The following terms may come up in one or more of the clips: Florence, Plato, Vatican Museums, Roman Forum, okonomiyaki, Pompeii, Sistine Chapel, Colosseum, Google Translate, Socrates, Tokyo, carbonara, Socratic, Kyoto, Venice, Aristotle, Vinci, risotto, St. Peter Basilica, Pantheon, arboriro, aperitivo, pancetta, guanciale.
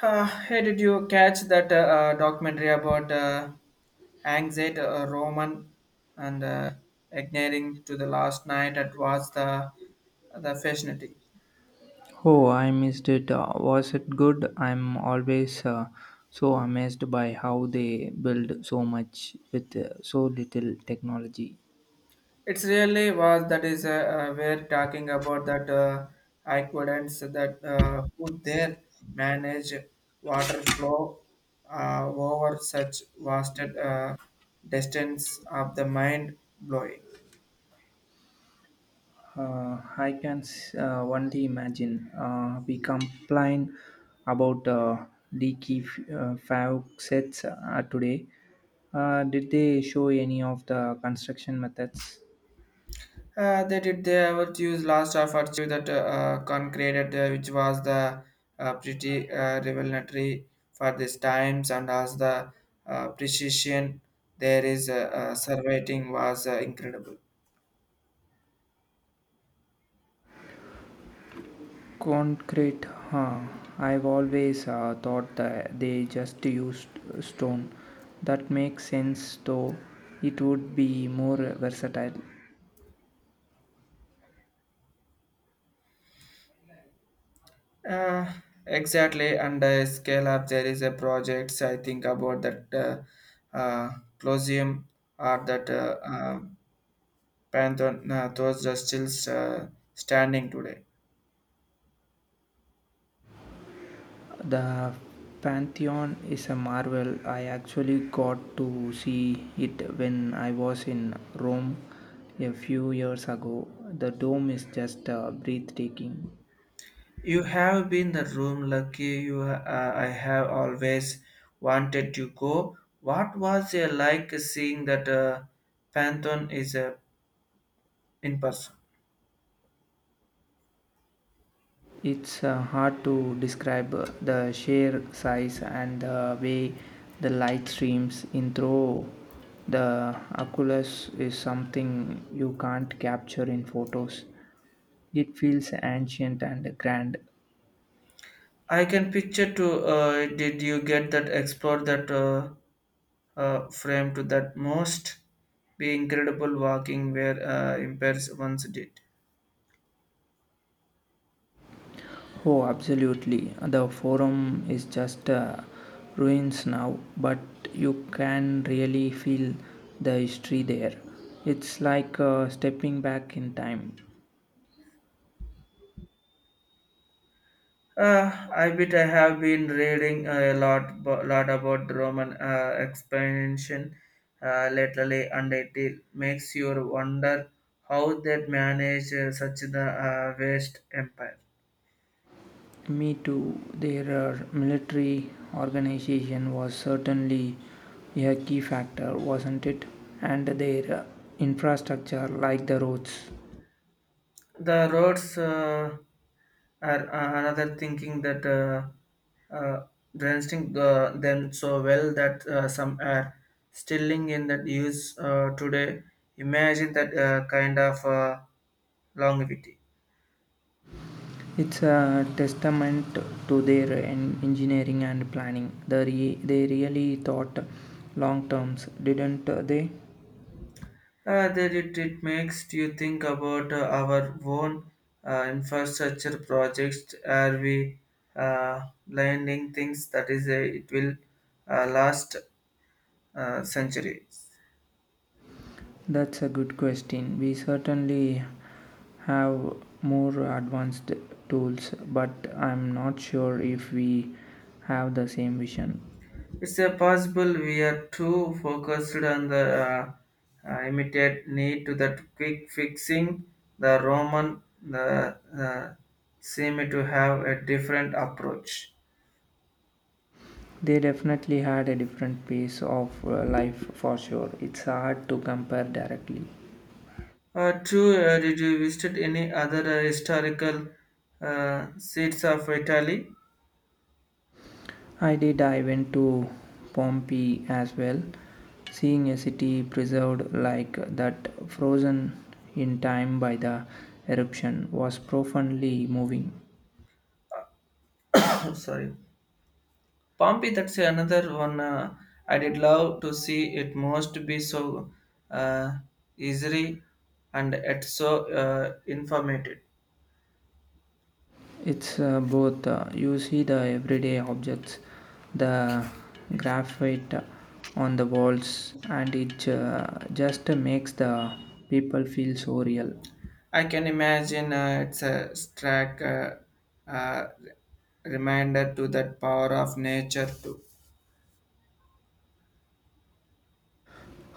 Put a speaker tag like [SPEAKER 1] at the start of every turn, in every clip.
[SPEAKER 1] Hey, did you catch that documentary about anxiety, Roman, and ignoring to the last night? It was the fascinating.
[SPEAKER 2] Oh, I missed it. Was it good? I'm always so amazed by how they build so much with so little technology.
[SPEAKER 1] It's really was that is we're talking about that equivalence that who there manage water flow over such vast distance of the mind blowing.
[SPEAKER 2] I can only imagine. We complain about leaky fab sets today. Did they show any of the construction methods?
[SPEAKER 1] They did they ever use last of to that concreted which was the pretty revelatory for these times and as the precision there is surveying was incredible.
[SPEAKER 2] Concrete, huh? I've always thought that they just used stone. That makes sense though, it would be more versatile.
[SPEAKER 1] Uh, exactly, and scale up there is a projects I think about that uh, uh, Colosseum or that Pantheon. Those are still uh, standing today.
[SPEAKER 2] The Pantheon is a marvel. I actually got to see it when I was in Rome a few years ago. The dome is just breathtaking.
[SPEAKER 1] You have been the room lucky you. I have always wanted to go. What was it like seeing that Pantheon is in person?
[SPEAKER 2] It's hard to describe the sheer size, and the way the light streams in through the oculus is something you can't capture in photos. It feels ancient and grand.
[SPEAKER 1] I can picture to did you get that explore that frame to that most be incredible walking where impairs once did.
[SPEAKER 2] Oh, absolutely. The forum is just ruins now, but you can really feel the history there. It's like stepping back in time.
[SPEAKER 1] I bet I have been reading a lot, lot about the Roman expansion lately, and makes you wonder how they managed such the vast empire.
[SPEAKER 2] Me too. Their military organization was certainly a key factor, wasn't it? And their infrastructure, like the roads.
[SPEAKER 1] The roads are another thinking that uh, dressing them so well that some are still in that use today. Imagine that kind of longevity.
[SPEAKER 2] It's a testament to their engineering and planning. They really thought long terms, didn't they?
[SPEAKER 1] That it makes you think about our own infrastructure projects. Are we landing things that is a, it will last centuries?
[SPEAKER 2] That's a good question. We certainly have more advanced tools, but I'm not sure if we have the same vision.
[SPEAKER 1] It's a possible we are too focused on the immediate need to that quick fixing. The Roman the seem to have a different approach.
[SPEAKER 2] They definitely had a different pace of life for sure. It's hard to compare directly.
[SPEAKER 1] True, did you visit any other historical seats of Italy?
[SPEAKER 2] I did. I went to Pompeii as well. Seeing a city preserved like that, frozen in time by the eruption, was profoundly moving.
[SPEAKER 1] Sorry, Pompeii. That's another one. I did love to see. It must be so uh, easy and it's so informative.
[SPEAKER 2] It's both. You see the everyday objects, the graphite on the walls, and it just makes the people feel so real.
[SPEAKER 1] I can imagine it's a stark reminder to that power of nature too.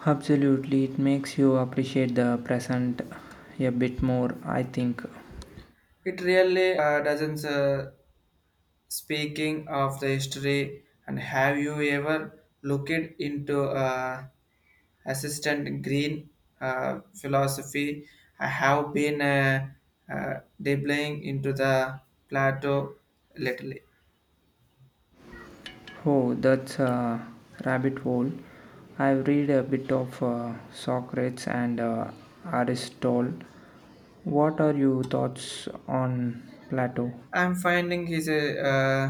[SPEAKER 2] Absolutely, it makes you appreciate the present a bit more, I think.
[SPEAKER 1] It really doesn't. Speaking of the history, and have you ever looked into assistant green philosophy? I have been dabbling into the plateau lately.
[SPEAKER 2] Oh, that's a rabbit hole. I've read a bit of Socrates and Aristotle. What are your thoughts on Plato?
[SPEAKER 1] I'm finding his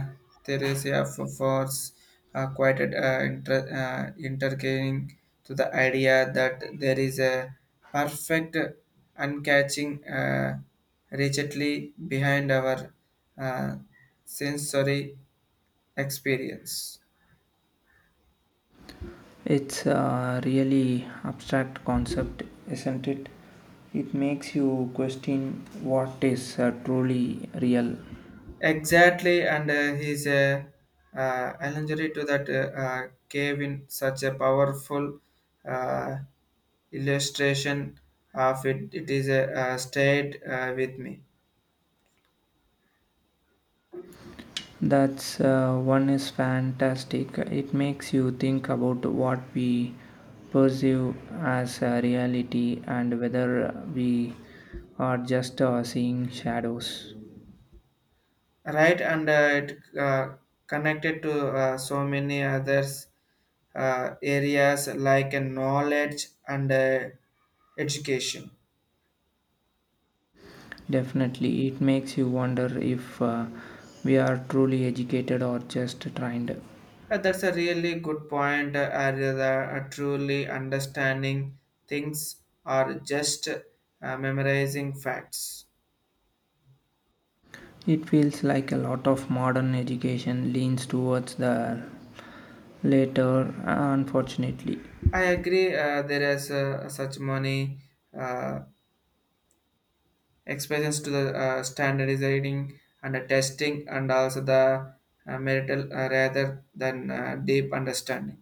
[SPEAKER 1] uh, Theresia for force quite intercalating to the idea that there is a perfect uncatching rigidly behind our uh, sensory experience.
[SPEAKER 2] It's a really abstract concept, isn't it? It makes you question what is truly real.
[SPEAKER 1] Exactly, and his allegory to that gave in such a powerful uh, illustration of it. It is a, stayed with me,
[SPEAKER 2] That's one is fantastic. It makes you think about what we perceive as a reality, and whether we are just seeing shadows.
[SPEAKER 1] right? And it connected to so many others areas like knowledge and education.
[SPEAKER 2] Definitely, it makes you wonder if we are truly educated or just trained.
[SPEAKER 1] That's a really good point. Truly understanding things or just memorizing facts.
[SPEAKER 2] It feels like a lot of modern education leans towards the latter, unfortunately.
[SPEAKER 1] I agree. There is such money. Uh, Expressions to the standardizing and the testing and also the marital rather than deep understanding.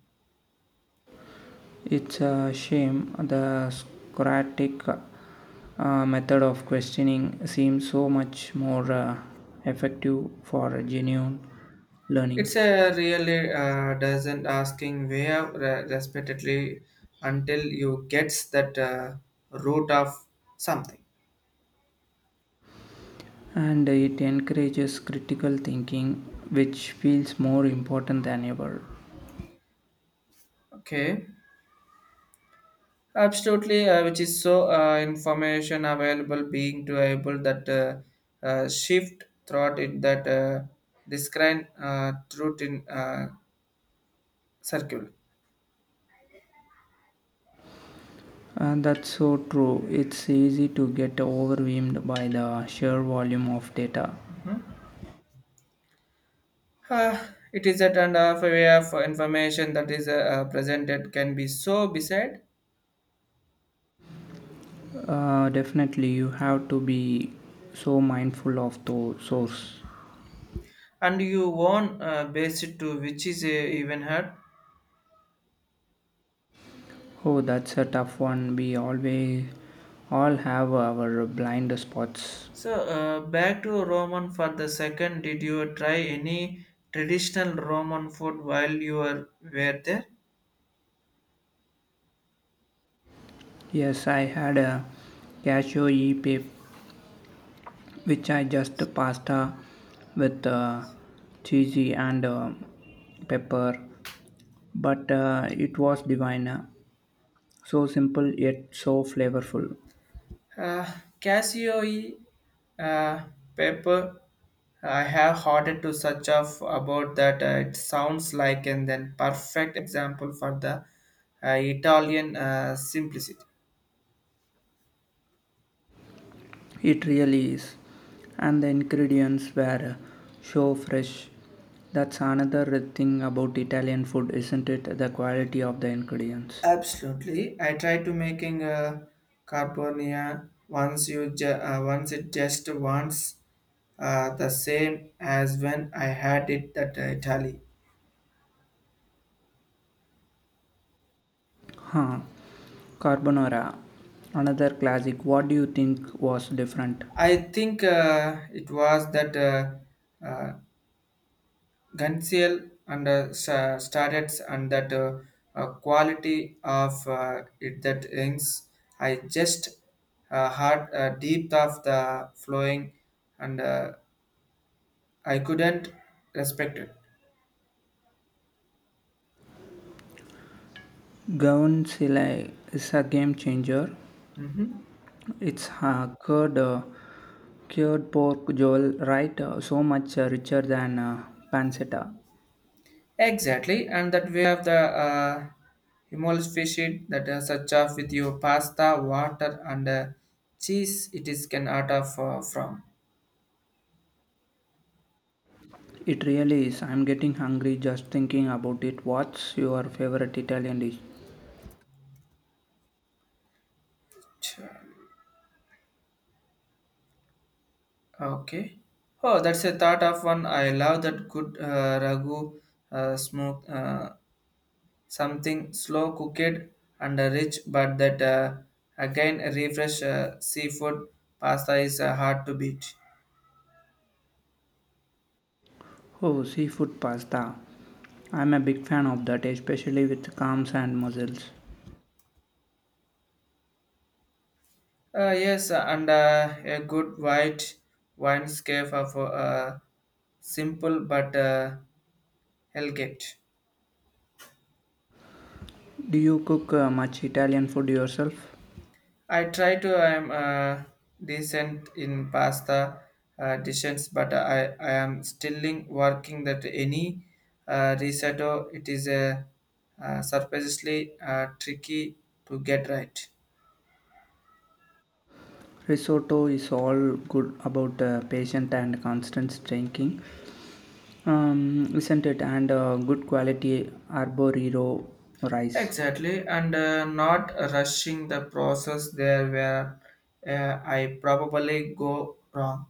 [SPEAKER 2] It's a shame. The Socratic method of questioning seems so much more effective for genuine
[SPEAKER 1] It's
[SPEAKER 2] learning,
[SPEAKER 1] a really doesn't asking where respectively until you gets that root of something.
[SPEAKER 2] and it encourages critical thinking, which feels more important than ever.
[SPEAKER 1] Okay, absolutely, which is so information available being to able that shift throughout it that describe truth in circle.
[SPEAKER 2] And that's so true. It's easy to get overwhelmed by the sheer volume of data.
[SPEAKER 1] Ah, it is a kind of way of information that is presented can be so beside
[SPEAKER 2] Definitely, you have to be so mindful of the source.
[SPEAKER 1] and you won based to which is even hard.
[SPEAKER 2] Oh, that's a tough one. We always all have our blind spots.
[SPEAKER 1] So back to Roman for the second. Did you try any traditional Roman food while you were there?
[SPEAKER 2] Yes, I had a cashew e-pip, which I just pasta with cheesy and pepper, but it was divine. So simple yet so flavorful.
[SPEAKER 1] Uh, Cassioe uh, paper, I have heard to such of about that. It sounds like and then perfect example for the Italian simplicity.
[SPEAKER 2] It really is. And the ingredients were so fresh. That's another thing about Italian food, isn't it? The quality of the ingredients.
[SPEAKER 1] Absolutely, I tried to making a carbonia once you once it just once the same as when I had it at Italy.
[SPEAKER 2] Huh. Carbonara. Another classic. What do you think was different?
[SPEAKER 1] I think it was that uh, Gansiel and started and that quality of it that rings. I just heard a deep of the flowing and I couldn't respect it.
[SPEAKER 2] Guanciale is a game changer.
[SPEAKER 1] Mhm.
[SPEAKER 2] It's uh, cured pork jowl, right? So much richer than pancetta.
[SPEAKER 1] Exactly, and that we have the Himalayan fish it that is such off with your pasta, water, and cheese. It is can out of from.
[SPEAKER 2] It really is. I'm getting hungry just thinking about it. What's your favorite Italian dish?
[SPEAKER 1] Sure. Okay. Oh, that's a thought of one. I love that good ragu smoke, something slow cooked and rich, but that again refresh seafood pasta is hard to beat.
[SPEAKER 2] Oh, seafood pasta. I'm a big fan of that, especially with clams and mussels.
[SPEAKER 1] Yes, and a good white wine scape of simple but elegant.
[SPEAKER 2] Do you cook much Italian food yourself?
[SPEAKER 1] I try to I'm decent in pasta dishes, but I am still working that any risotto it is a surprisingly tricky to get right.
[SPEAKER 2] Risotto is all good about patient and constant drinking, isn't it? And good quality arboriro rice.
[SPEAKER 1] Exactly, and not rushing the process there where I probably go wrong.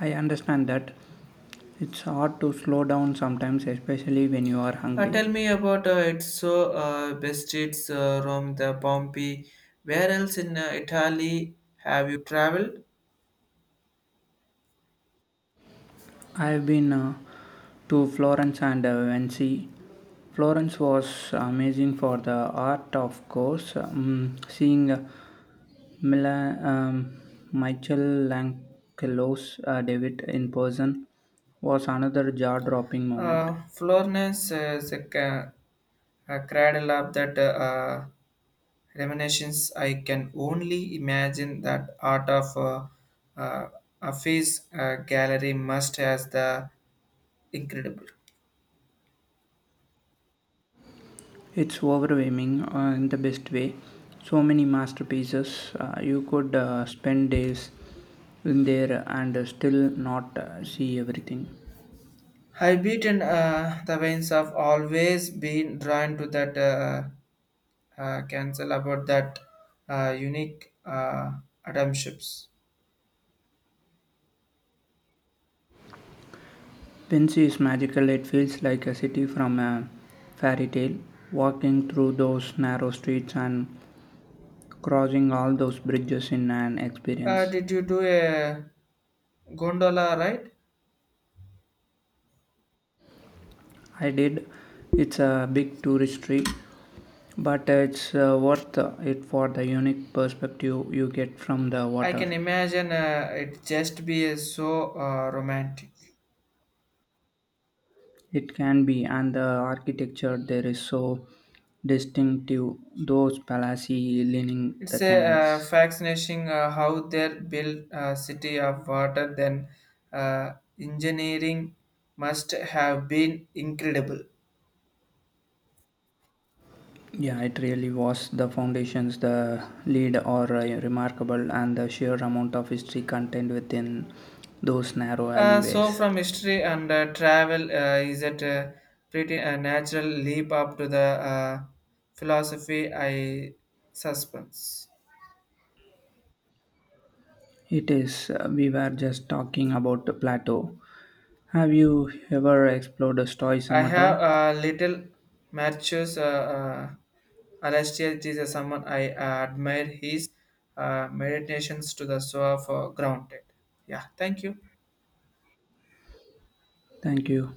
[SPEAKER 2] I understand that it's hard to slow down sometimes, especially when you are hungry.
[SPEAKER 1] Tell me about it. So, best streets, Rome, the Pompeii. Where else in Italy have you traveled?
[SPEAKER 2] I have been to Florence and Venice. Florence was amazing for the art, of course. Seeing Mila, um, Michael Langelo's debut in person was another jaw-dropping moment.
[SPEAKER 1] Florence is a cradle of that reminiscence. I can only imagine that art of uh, a face gallery must has the incredible.
[SPEAKER 2] It's overwhelming in the best way. So many masterpieces. You could spend days in there and still not see everything.
[SPEAKER 1] I've beaten the veins have always been drawn to that cancel about that unique Adam ships.
[SPEAKER 2] Vinci is magical. It feels like a city from a fairy tale. Walking through those narrow streets and crossing all those bridges in an experience.
[SPEAKER 1] Did you do a gondola ride?
[SPEAKER 2] I did. It's a big tourist trip, but it's worth it for the unique perspective you get from the
[SPEAKER 1] I
[SPEAKER 2] water.
[SPEAKER 1] can imagine it just be so romantic.
[SPEAKER 2] It can be, and the architecture there is so distinctive, those palaces lining
[SPEAKER 1] It's
[SPEAKER 2] the
[SPEAKER 1] a
[SPEAKER 2] canals.
[SPEAKER 1] fascinating how they built a city of water. Then uh, engineering must have been incredible.
[SPEAKER 2] Yeah, it really was. The foundations, the lead are remarkable, and the sheer amount of history contained within those narrow
[SPEAKER 1] So
[SPEAKER 2] alleyways.
[SPEAKER 1] from history and travel, is it a pretty natural leap up to the uh, philosophy I suspense.
[SPEAKER 2] It is. We were just talking about the plateau. Have you ever explored
[SPEAKER 1] I
[SPEAKER 2] stoicism at
[SPEAKER 1] have
[SPEAKER 2] all?
[SPEAKER 1] little matches. Alastair is someone I admire his meditations to the so of grounded. Yeah, thank you.
[SPEAKER 2] Thank you.